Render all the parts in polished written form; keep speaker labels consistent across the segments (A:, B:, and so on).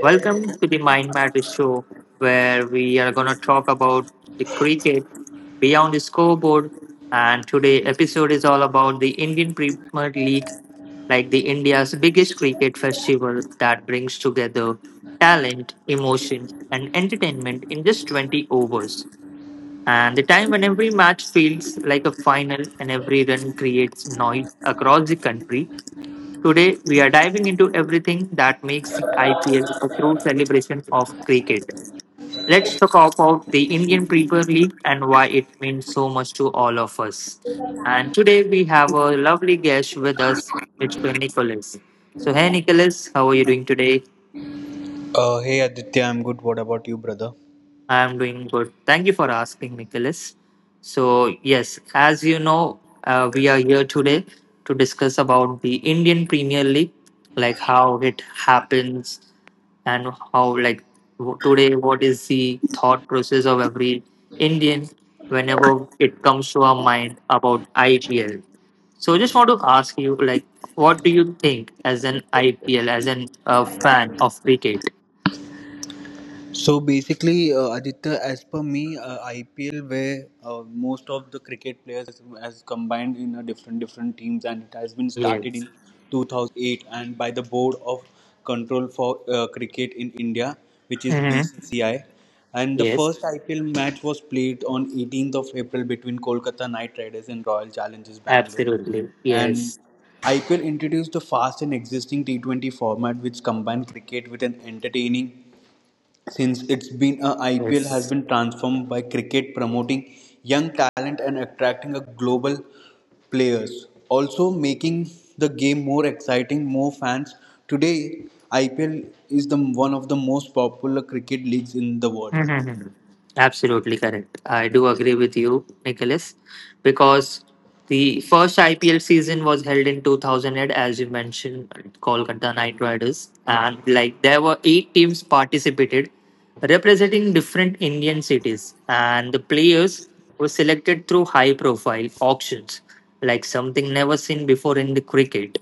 A: Welcome to the Mind Matters show, where we are gonna talk about the cricket beyond the scoreboard. And today episode is all about the Indian Premier League, like the India's biggest cricket festival that brings together talent, emotion, and entertainment in just 20 overs. And the time when every match feels like a final and every run creates noise across the country. Today, we are diving into everything that makes the IPL a true celebration of cricket. Let's talk about the Indian Premier League and why it means so much to all of us. And today, we have a lovely guest with us, it's Nicholas. So, hey Nicholas, how are you doing today?
B: Hey Aditya, I'm good. What about you, brother?
A: I'm doing good. Thank you for asking, Nicholas. So, yes, we are here today to discuss about the Indian Premier League, like how it happens and how, like, today, what is the thought process of every Indian whenever it comes to our mind about IPL. So, I just want to ask you, like, what do you think as an IPL, as an fan of cricket?
B: So basically, Aditya, as per me, IPL where most of the cricket players has combined in a different teams, and it has been started
A: Yes.
B: in 2008 and by the Board of Control for Cricket in India, which is
A: Hmm.
B: BCCI. And the
A: Yes.
B: first IPL match was played on 18th of April between Kolkata Knight Riders and Royal Challengers Bangalore.
A: Absolutely.
B: And
A: Yes.
B: IPL introduced the fast and existing T20 format, which combined cricket with an entertaining since it's been a IPL has
A: Yes.
B: been transformed by cricket promoting young talent and attracting a global players also making the game more exciting more fans today IPL is the one of the most popular cricket leagues in the world.
A: Absolutely correct. I do agree with you, Nicholas, because the first IPL season was held in 2008, as you mentioned, at Kolkata Knight Riders, and like there were 8 teams participated, representing different Indian cities, and the players were selected through high-profile auctions, like something never seen before in the cricket.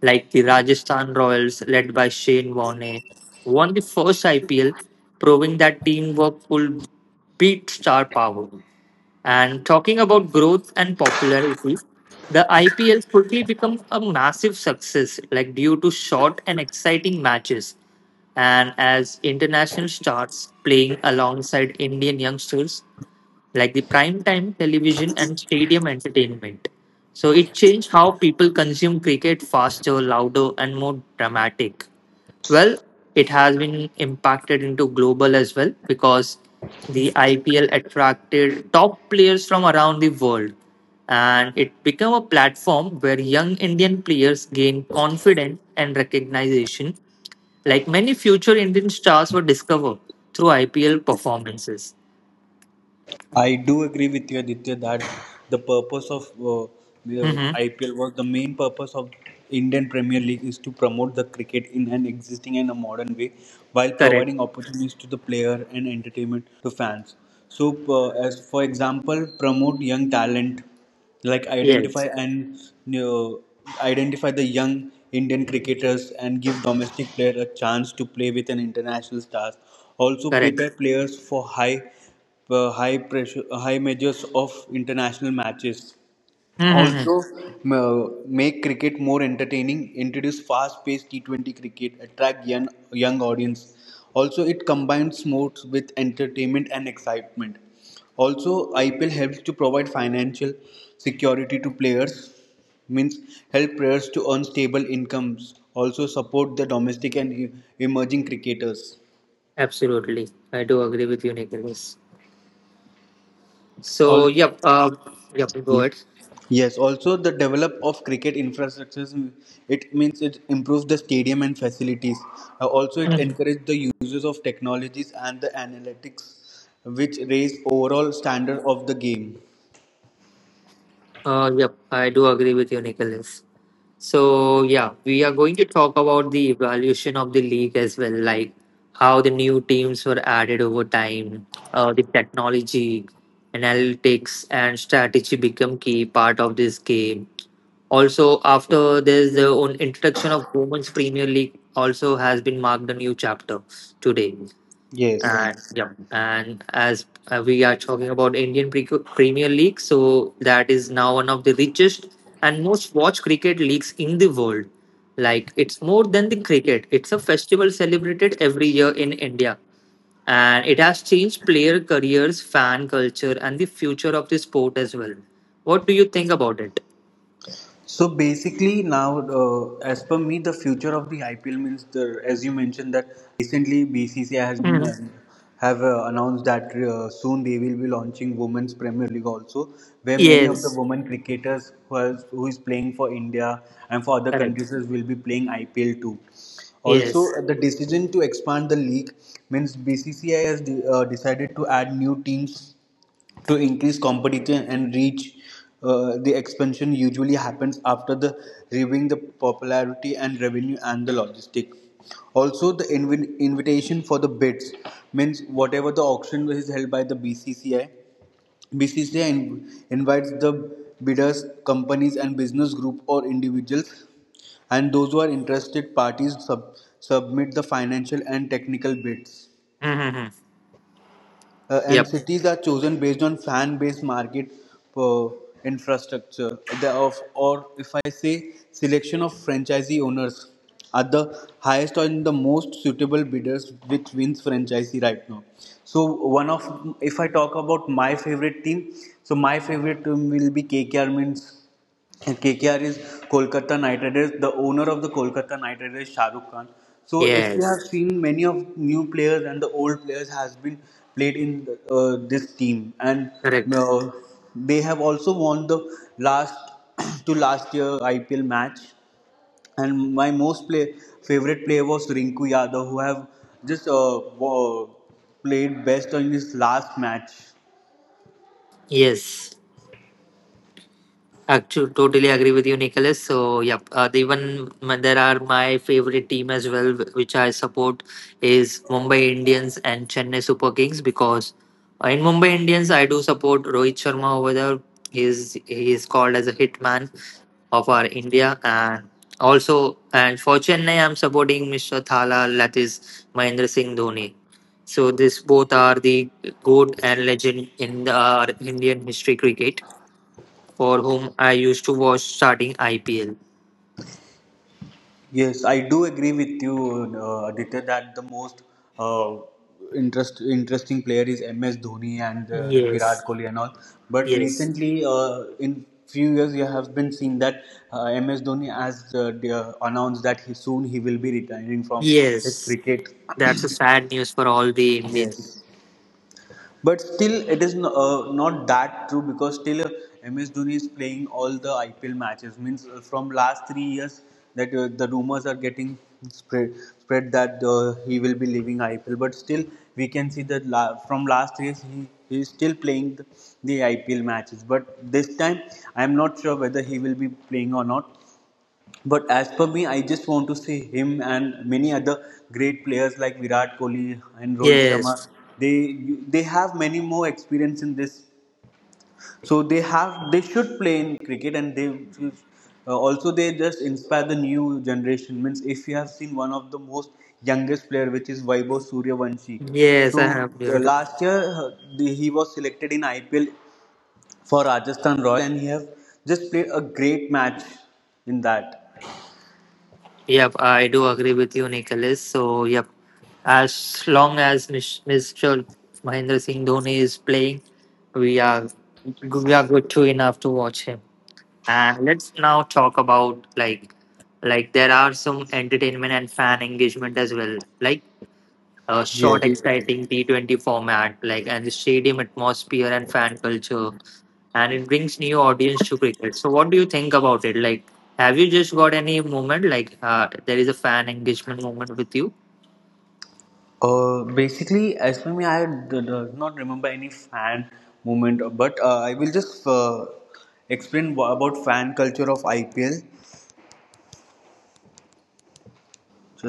A: Like the Rajasthan Royals, led by Shane Warne, won the first IPL, proving that teamwork could beat star power. And talking about growth and popularity, the IPL quickly became a massive success, like due to short and exciting matches. And as international stars playing alongside Indian youngsters, like the prime time television and stadium entertainment. So it changed how people consume cricket faster, louder, and more dramatic. Well, it has been impacted into global as well because the IPL attracted top players from around the world, and it became a platform where young Indian players gain confidence and recognition, like many future Indian stars were discovered through IPL performances.
B: I do agree with you, Aditya, that the purpose of the
A: Mhm.
B: IPL was the main purpose of Indian Premier League is to promote the cricket in an existing and a modern way while
A: Correct.
B: providing opportunities to the player and entertainment to fans. So, as for example, promote young talent, like identify
A: Yes,
B: and you know, identify the young Indian cricketers and give domestic players a chance to play with an international stars. Also
A: correct.
B: prepare players for high pressure, high measures of international matches.
A: Mm-hmm.
B: Also, make cricket more entertaining. Introduce fast-paced T20 cricket. Attract young audience. Also, it combines sports with entertainment and excitement. Also, IPL helps to provide financial security to players. Means help players to earn stable incomes. Also, support the domestic and emerging cricketers.
A: Absolutely. I do agree with you, Nicholas. So,
B: All.
A: yep, go
B: Yes.
A: ahead.
B: Yes, also the develop of cricket infrastructures, it means it improves the stadium and facilities. Also, it
A: Mhm.
B: encouraged the uses of technologies and the analytics, which raise overall standard of the game.
A: Yep, I do agree with you, Nicholas. So, yeah, we are going to talk about the evaluation of the league as well, like how the new teams were added over time, the technology, analytics, and strategy become key part of this game. Also, after there's the own introduction of Women's Premier League, also has been marked a new chapter today.
B: Yes.
A: And yeah, and as we are talking about Premier League, so that is now one of the richest and most watched cricket leagues in the world. Like it's more than the cricket; it's a festival celebrated every year in India, and it has changed player careers, fan culture, and the future of the sport as well. What do you think about it?
B: So basically, now as per me, the future of the IPL means the as you mentioned that recently BCCI has been
A: Mhm.
B: have announced that soon they will be launching Women's Premier League also, where many of the
A: Yes,
B: women cricketers who is playing for India and for other
A: correct.
B: countries will be playing IPL too. Also,
A: Yes.
B: the decision to expand the league means BCCI has decided to add new teams to increase competition and reach. The expansion usually happens after the reviewing the popularity and revenue and the logistic. Also, the invitation for the bids means whatever the auction is held by the BCCI, BCCI invites the bidders, companies, and business group or individuals, and those who are interested parties submit the financial and technical bids.
A: Mhm.
B: And
A: Yep.
B: cities are chosen based on fan based market uh, infrastructure the, of, or if I say selection of franchisee owners are the highest and the most suitable bidders which wins franchisee right now so one of if I talk about my favorite team so my favorite team will be kkr means KKR is Kolkata Knight Riders. The owner of the Kolkata Knight Riders, is Shah Rukh Khan. So if you have
A: Yes,
B: seen many of new players and the old players has been played in this team, and
A: correct.
B: uh, they have also won the last to last year IPL match. And my most play favorite player was Rinku Yadav, who have just played best in his last match.
A: Yes. Actually, totally agree with you, Nicholas. So, there are my favorite team as well, which I support is Mumbai Indians and Chennai Super Kings, because in Mumbai Indians I do support Rohit Sharma over there. He is called as a hitman of our India, and also and for Chennai I'm supporting Mr. Thala, that is Mahendra Singh Dhoni. So, this both are the goat and legend in the Indian history cricket, for whom I used to watch starting IPL.
B: Yes, I do agree with you, Aditya, that the most uh, interesting player is MS Dhoni and Virat
A: Yes,
B: Kohli and all. But
A: yes,
B: recently, in few years, you have been seeing that MS Dhoni has announced that he soon he will be retiring from his
A: yes.
B: cricket.
A: That's a sad news for all the Indians.
B: Yes. But still, it is no, not that true because still MS Dhoni is playing all the IPL matches. Means from last 3 years that the rumors are getting spread spread that he will be leaving IPL. But still, we can see that from last 3 years he is still playing the IPL matches. But this time, I am not sure whether he will be playing or not. But as per me, I just want to see him and many other great players like Virat Kohli and Rohit Sharma.
A: Yes,
B: They have many more experience in this, so they should play in cricket and they should also they just inspire the new generation. Means if you have seen one of the most youngest player, which is Vaibhav Suryavanshi.
A: yes, I
B: So
A: have heard.
B: last year uh, he was selected in IPL for Rajasthan Royal and he have just played a great match in that.
A: Yep, I do agree with you, Nicholas. So, yep, as long as Mr. Mahendra Singh Dhoni is playing, we are we are good to enough to watch him. And let's now talk about like there are some entertainment and fan engagement as well. Like a short,
B: Yes.
A: exciting T20 format, like and the stadium atmosphere and fan culture, and it brings new audience to cricket. So, what do you think about it? Like, have you just got any moment like there is a fan engagement moment with you?
B: Basically, as for me, I do not remember any fan moment, but I will just explain about fan culture of IPL.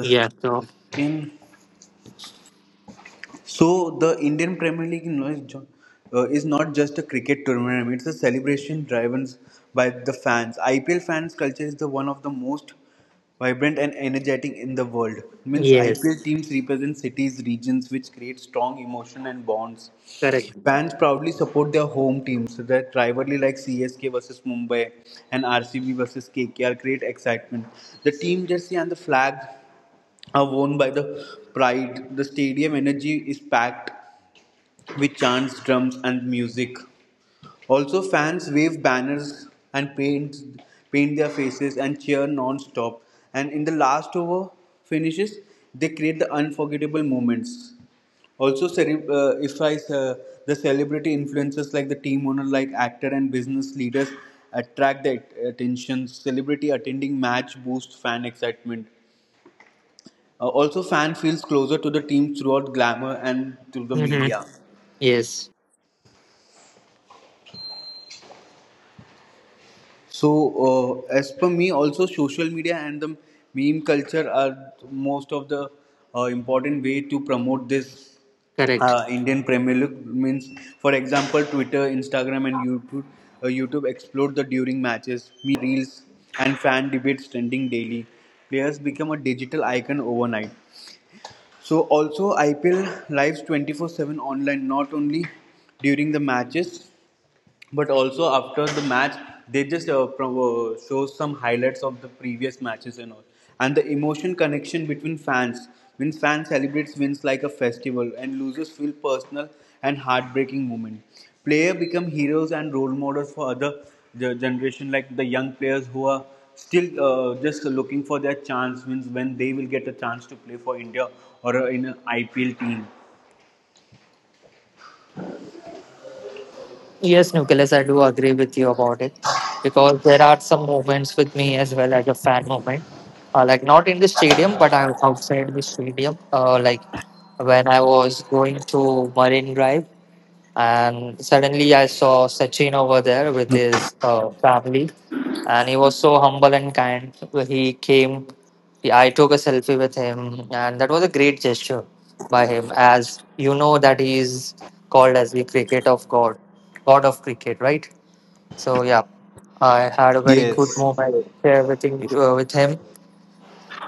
A: Yeah. So
B: in, so the Indian Premier League is, is not just a cricket tournament; it's a celebration driven by the fans. IPL fans culture is the one of the most vibrant and energetic in the world. Means
A: yes,
B: IPL teams represent cities, regions, which create strong emotion and bonds.
A: correct.
B: Fans proudly support their home teams, that rivalry like CSK versus Mumbai and RCB versus KKR create excitement. The team jersey and the flag are worn by the pride. The stadium energy is packed with chants, drums, and music. Also fans wave banners and paint their faces and cheer non-stop and in the last over finishes they create the unforgettable moments. Also, if I the celebrity influencers like the team owner, like actor and business leaders attract the attention. Celebrity attending match boosts fan excitement. Also, fan feels closer to the team throughout glamour and to the
A: Hmm.
B: media.
A: Yes,
B: So, as per me, also social media and the meme culture are most of the important way to promote this
A: correct.
B: Indian Premier League. Means, for example, Twitter, Instagram, and YouTube explode the during matches, memes and reels, and fan debates trending daily. Players become a digital icon overnight. So, also IPL lives 24/7 online, not only during the matches but also after the match they just show some highlights of the previous matches and all and the emotion connection between fans when fans celebrates wins like a festival and losers feel personal and heartbreaking moment player become heroes and role models for other generation like the young players who are still just looking for their chance means when they will get a chance to play for india or in an ipl team.
A: Yes, Nicholas, I do agree with you about it because there are some moments with me as well as a fan moment, like not in the stadium, but I'm outside the stadium. Like when I was going to Marine Drive, and suddenly I saw Sachin over there with his family. And he was so humble and kind. He came, I took a selfie with him. And that was a great gesture by him. As you know, that he is called as the God of cricket, right? So, yeah, I had a very good
B: Yes.
A: moment there with him,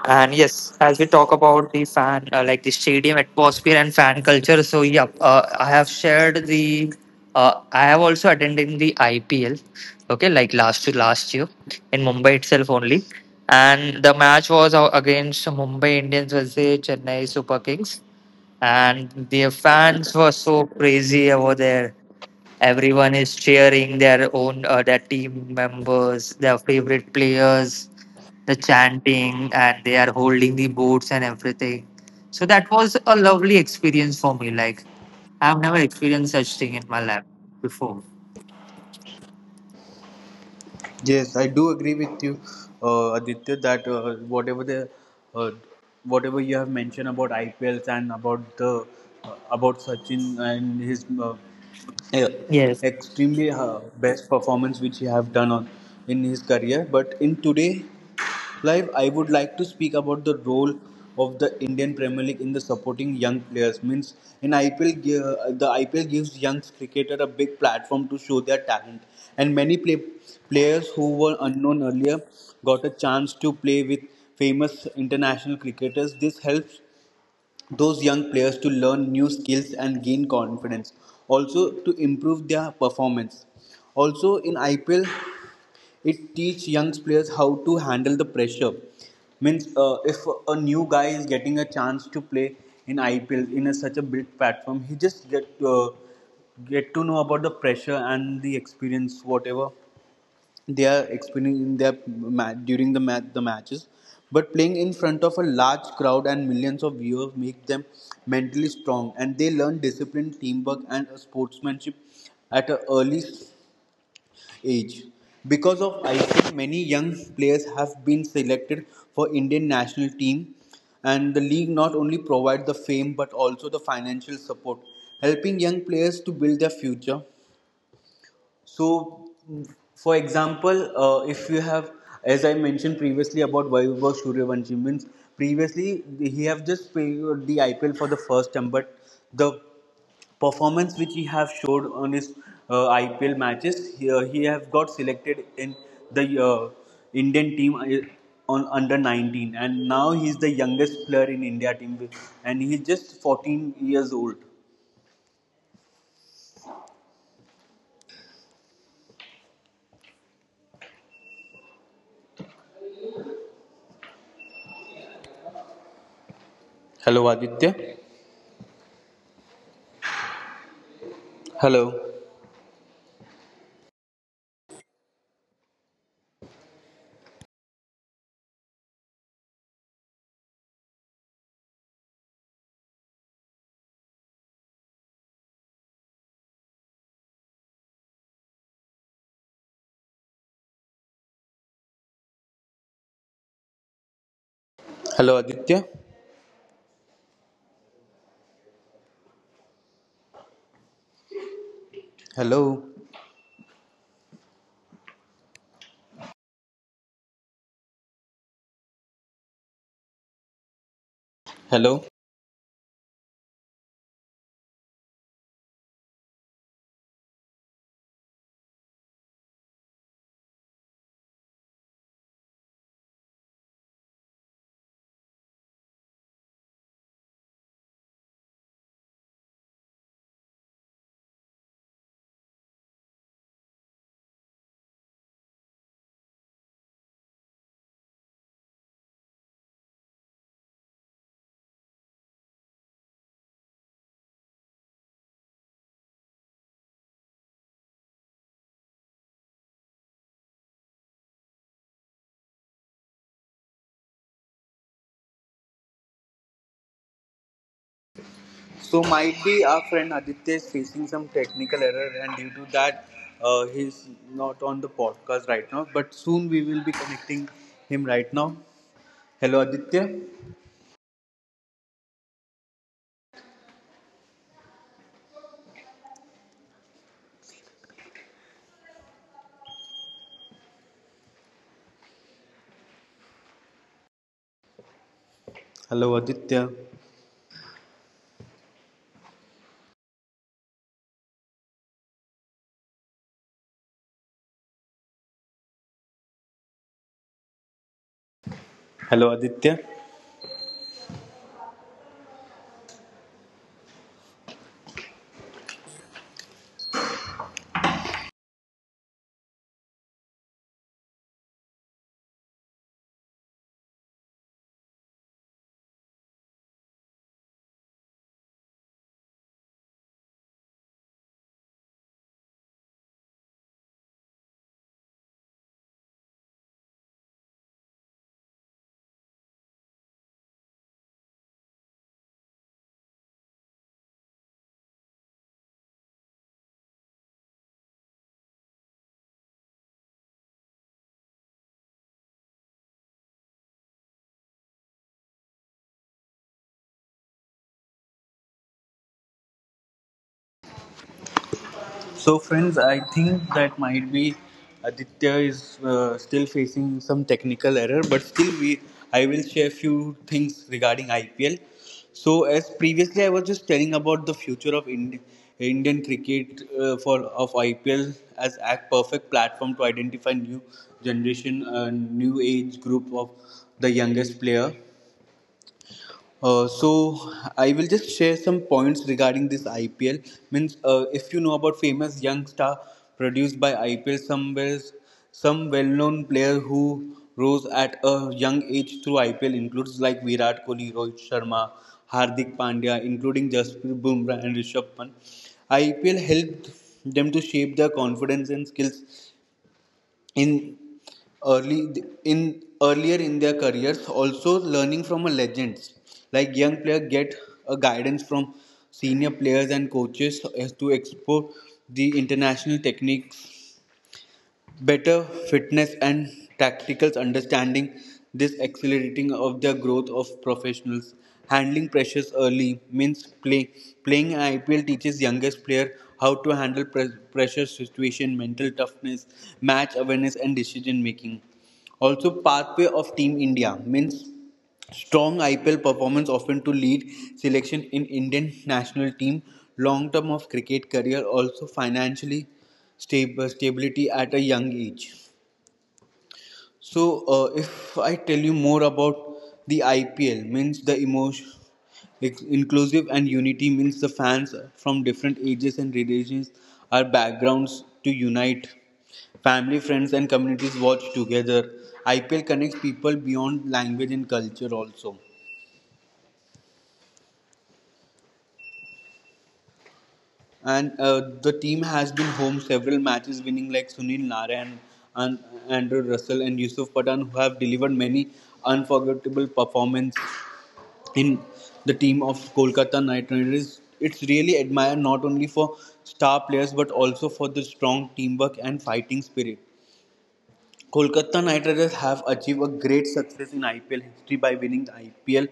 A: and yes, as we talk about the fan, like the stadium atmosphere and fan culture. So yeah, I have shared the. I have also attended the IPL. Okay, like last to last year in Mumbai itself only, and the match was against Mumbai Indians versus Chennai Super Kings, and their fans were so crazy over there. Everyone is cheering their own, their team members, their favorite players, the chanting, and they are holding the boats and everything. So that was a lovely experience for me. Like I've never experienced such thing in my life before.
B: Yes, I do agree with you, Aditya, that whatever the uh, whatever you have mentioned about IPLs and about the about Sachin and his uh,
A: Yes.
B: extremely best performance which he have done on in his career but in today live I would like to speak about the role of the indian premier league in the supporting young players means in ipl the ipl gives young cricketer a big platform to show their talent and many play, players who were unknown earlier got a chance to play with famous international cricketers this helps those young players to learn new skills and gain confidence also to improve their performance also in ipl it teach young players how to handle the pressure means if a new guy is getting a chance to play in ipl in a, such a big platform he just get to know about the pressure and the experience whatever they are experiencing in their during the the matches but playing in front of a large crowd and millions of viewers make them mentally strong and they learn discipline teamwork and sportsmanship at an early age because of IPL many young players have been selected for Indian national team and the league not only provides the fame but also the financial support helping young players to build their future so, mm, for example, if you have, as I mentioned previously about Vaibhav Suryavanshi, means previously he have just played the IPL for the first time, but the performance which he have showed on his IPL matches, he have got selected in the Indian team on under 19, and now he's the youngest player in India team, and he's just 14 years old. Hello, Aditya. Hello. Hello, Aditya. Hello. Hello. So might be our friend Aditya is facing some technical error, and due to that, he's not on the podcast right now. But soon we will be connecting him right now. Hello Aditya. Hello Aditya. Hello Aditya. So, friends, I think that might be Aditya is still facing some technical error, but still, we I will share few things regarding IPL. So, as previously, I was just telling about the future of Indian cricket for of IPL as a perfect platform to identify new generation, new age group of the youngest player, so I will just share some points regarding this IPL. Means, if you know about famous young star produced by IPL, some well-known player who rose at a young age through IPL includes like Virat Kohli, Rohit Sharma, Hardik Pandya, including Jasprit Bumrah and Rishabh Pant. IPL helped them to shape their confidence and skills in early in earlier in their careers, also learning from a legends like young players get a guidance from senior players and coaches as to explore the international techniques, better fitness and tactical understanding. This accelerating of the growth of professionals handling pressures early means playing IPL teaches youngest player how to handle pressure situation, mental toughness, match awareness and decision making. Also pathway of team India means strong IPL performance often to lead selection in Indian national team, long term of cricket career, also financially stability at a young age. So, if I tell you more about the IPL, means the emotion, inclusive and unity means the fans from different ages and religions or backgrounds to unite. Family, friends, and communities watch together. IPL connects people beyond language and culture also. And, the team has been home several matches winning like Sunil Narayan and Andrew Russell and Yusuf Pathan who have delivered many unforgettable performances in the team of Kolkata Knight Riders. It's really admired not only for star players but also for the strong teamwork and fighting spirit. Kolkata Knight Riders have achieved a great success in IPL history by winning the IPL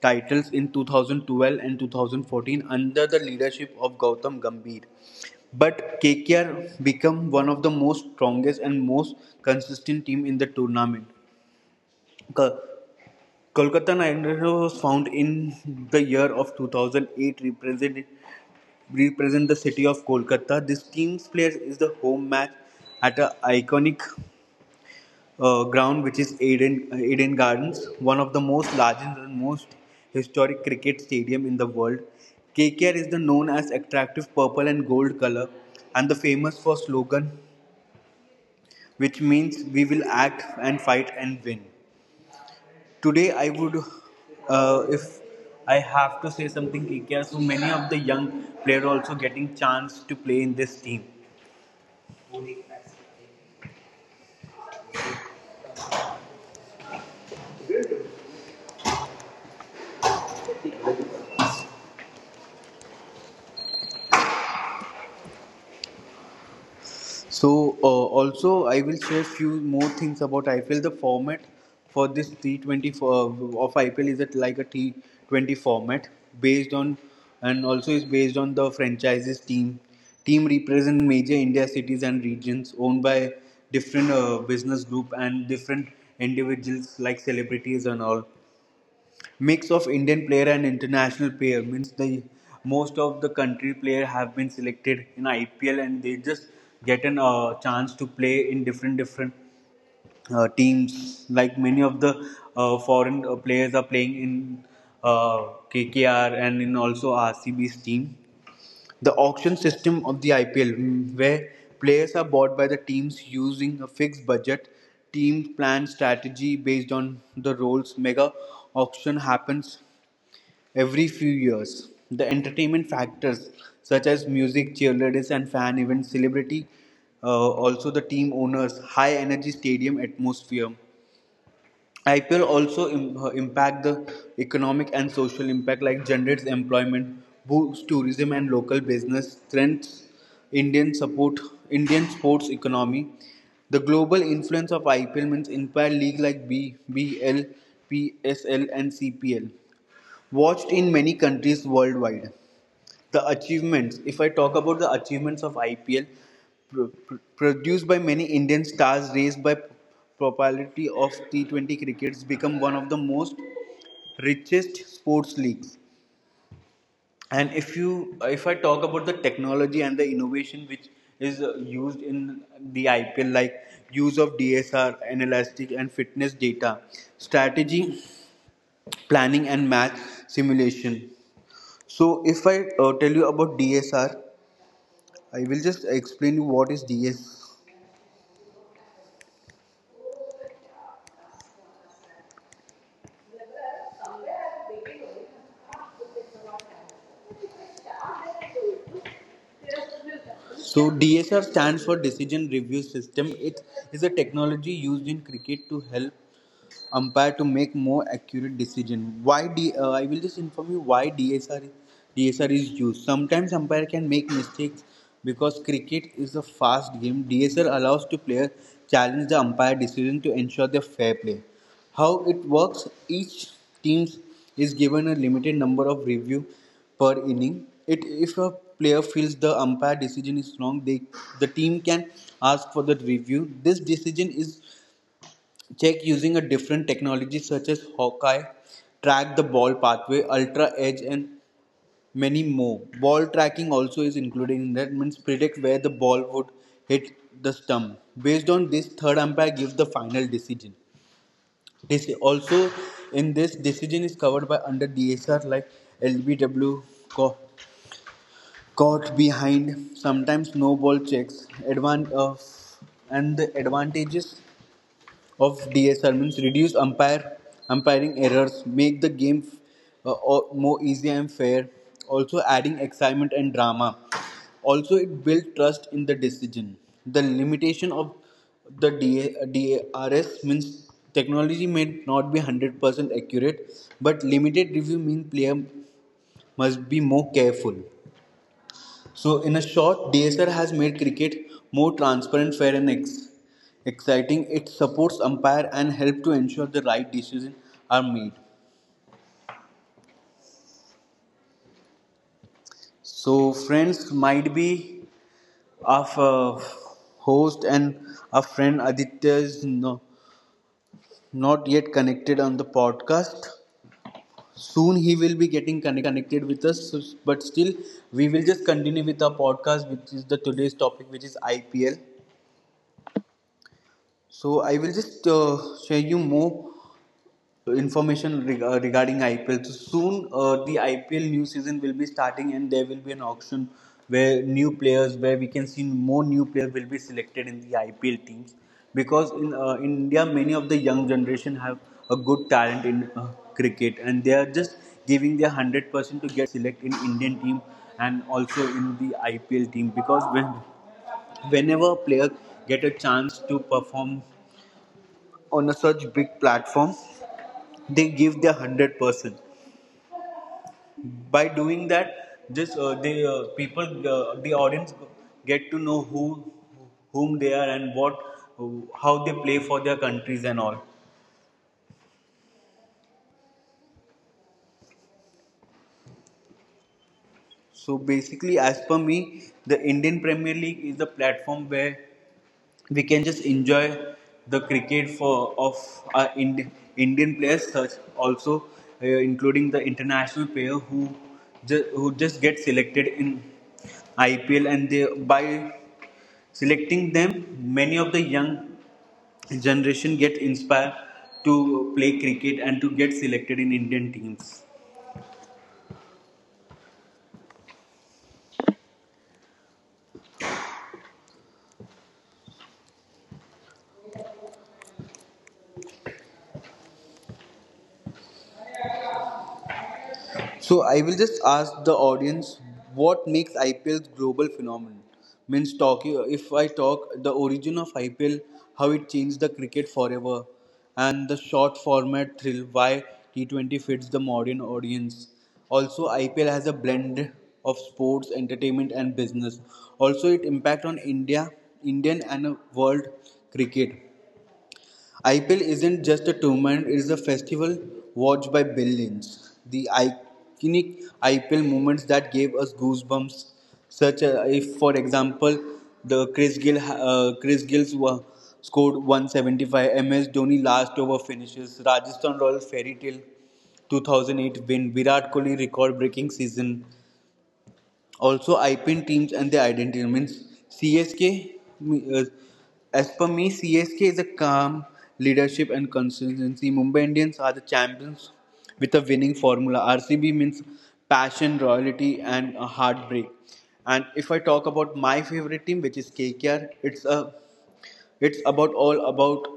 B: titles in 2012 and 2014 under the leadership of Gautam Gambhir. But KKR become one of the most strongest and most consistent team in the tournament. Ka- Kolkata Knight Riders was found in the year of 2008, represent the city of Kolkata. This team's players is the home match at an iconic, ground which is Eden Gardens, one of the most largest and most historic cricket stadium in the world. KKR is the known as attractive purple and gold color and the famous for slogan which means we will act and fight and win. Today, I would, if I have to say something, KKR, so many of the young players also getting chance to play in this team. So, also I will share few more things about IPL. The format for this T20 for, of IPL is it like a T20 format based on, and also is based on the franchises team. Team represent major India cities and regions owned by different, business group and different individuals like celebrities and all. Mix of Indian player and international player means the most of the country player have been selected in IPL and they just get an, chance to play in different teams. Like many of the foreign players are playing in uh, KKR and in also RCB's team. The auction system of the IPL, where players are bought by the teams using a fixed budget, team plan strategy based on the roles. Mega auction happens every few years, the entertainment factors such as music, cheerleaders, and fan events, celebrity, also the team owners, high energy stadium atmosphere. IPL also impact the economic and social impact like generates employment, boosts tourism and local business, strengthens Indian support Indian sports economy. The global influence of IPL means entire league like BL, PSL, and CPL watched in many countries worldwide. The achievements. If I talk about the achievements of IPL, produced by many Indian stars, raised by popularity of T20 crickets, become one of the most richest sports leagues. And if I talk about the technology and the innovation which is, used in the IPL, like use of DSR, analytics and fitness data, strategy, planning and match simulation. So if I, tell you about DSR, I will just explain you what is DS. So DSR stands for Decision Review System. It is a technology used in cricket to help umpire to make more accurate decision. I will just inform you why DSR is used. Sometimes umpire can make mistakes because cricket is a fast game. DSR allows to player challenge the umpire decision to ensure their fair play. How it works? Each team is given a limited number of review per inning. It If a player feels the umpire decision is wrong, the team can ask for the review. This decision is check using a different technology such as Hawkeye, track the ball pathway, ultra edge, and many more. Ball tracking also is included in that means predict where the ball would hit the stump. Based on this, third umpire gives the final decision. This also in this decision is covered by under DSR like LBW, co- caught behind, sometimes no ball checks, and the advantages of DSR means reduce umpire umpiring errors, make the game, more easy and fair, also adding excitement and drama. Also it builds trust in the decision. The limitation of the D A D A R S means technology may not be 100% accurate, but limited review means player must be more careful. So, in a short, DSR has made cricket more transparent, fair, and exciting. It supports umpire and help to ensure the right decisions are made. So, friends, might be our, host and our friend Aditya is, no, not yet connected on the podcast. Soon he will be getting connected with us, so- but still we will just continue with our podcast, which is the today's topic, which is IPL. So I will just, share you more, information regarding IPL. So soon, the IPL new season will be starting, and there will be an auction where new players, where we can see more new players will be selected in the IPL teams. Because in, India, many of the young generation have a good talent in, cricket, and they are just giving their 100% to get select in Indian team and also in the IPL team. Because whenever a player get a chance to perform on a such big platform, they give their 100% by doing that. Just, the people, the audience get to know whom they are and what how they play for their countries and all. So basically, as per me, the Indian Premier League is the platform where we can just enjoy the cricket for of our Indian players, such also, including the international player who who just get selected in IPL, and they by selecting them, many of the young generation get inspired to play cricket and to get selected in Indian teams. So I will just ask the audience what makes IPL's global phenomenon. Means talking if I talk the origin of IPL, how it changed the cricket forever, and the short format thrill why T20 fits the modern audience. Also, IPL has a blend of sports, entertainment, and business. Also, it impact on India, Indian, and, world cricket. IPL isn't just a tournament, it is a festival watched by billions. The iconic IPL moments that gave us goosebumps, such as if, for example, the Chris Gill's scored 175, MS Dhoni last over finishes, Rajasthan Royals fairy tale 2008 win, Virat Kohli record breaking season, also, IPL teams and their identity means CSK. uh, As per me, CSK is a calm leadership and consistency. Mumbai Indians are the champions with a winning formula. RCB means passion, royalty, and a heartbreak. And if I talk about my favorite team, which is KKR, it's about all about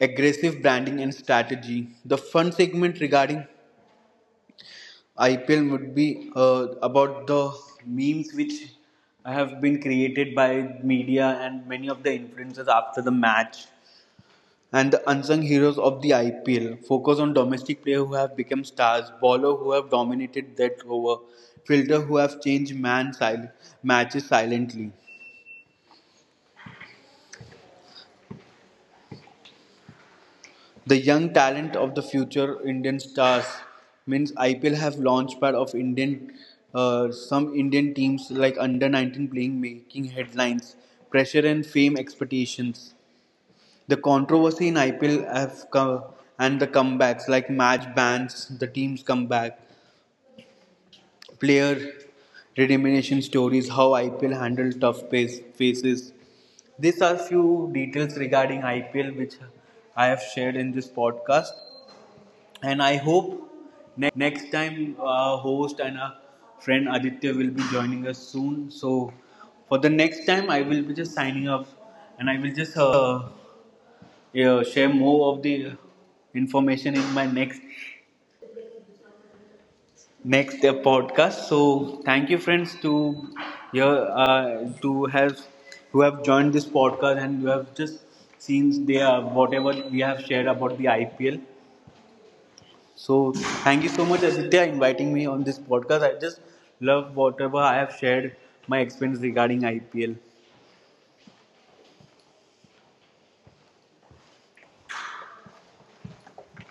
B: aggressive branding and strategy. The fun segment regarding IPL would be, about the memes which have been created by media and many of the influencers after the match. And the unsung heroes of the IPL focus on domestic players who have become stars, bowler who have dominated that over, fielder who have changed matches silently. The young talent of the future Indian stars means IPL have launchpad of Indian, some Indian teams like under 19 playing, making headlines, pressure and fame expectations. The controversy in IPL have come and the comebacks like match bans, the teams come back, player redemption stories, how IPL handle tough faces. These are few details regarding IPL which I have shared in this podcast, and I hope next time our host and our friend Aditya will be joining us soon. So for the next time, I will be just signing off, and I will just, yeah, share more of the information in my next podcast. So thank you, friends, to your, to have who have joined this podcast, and you have just seen their whatever we have shared about the IPL. So thank you so much, Aditya, inviting me on this podcast. I just love whatever I have shared my experience regarding IPL.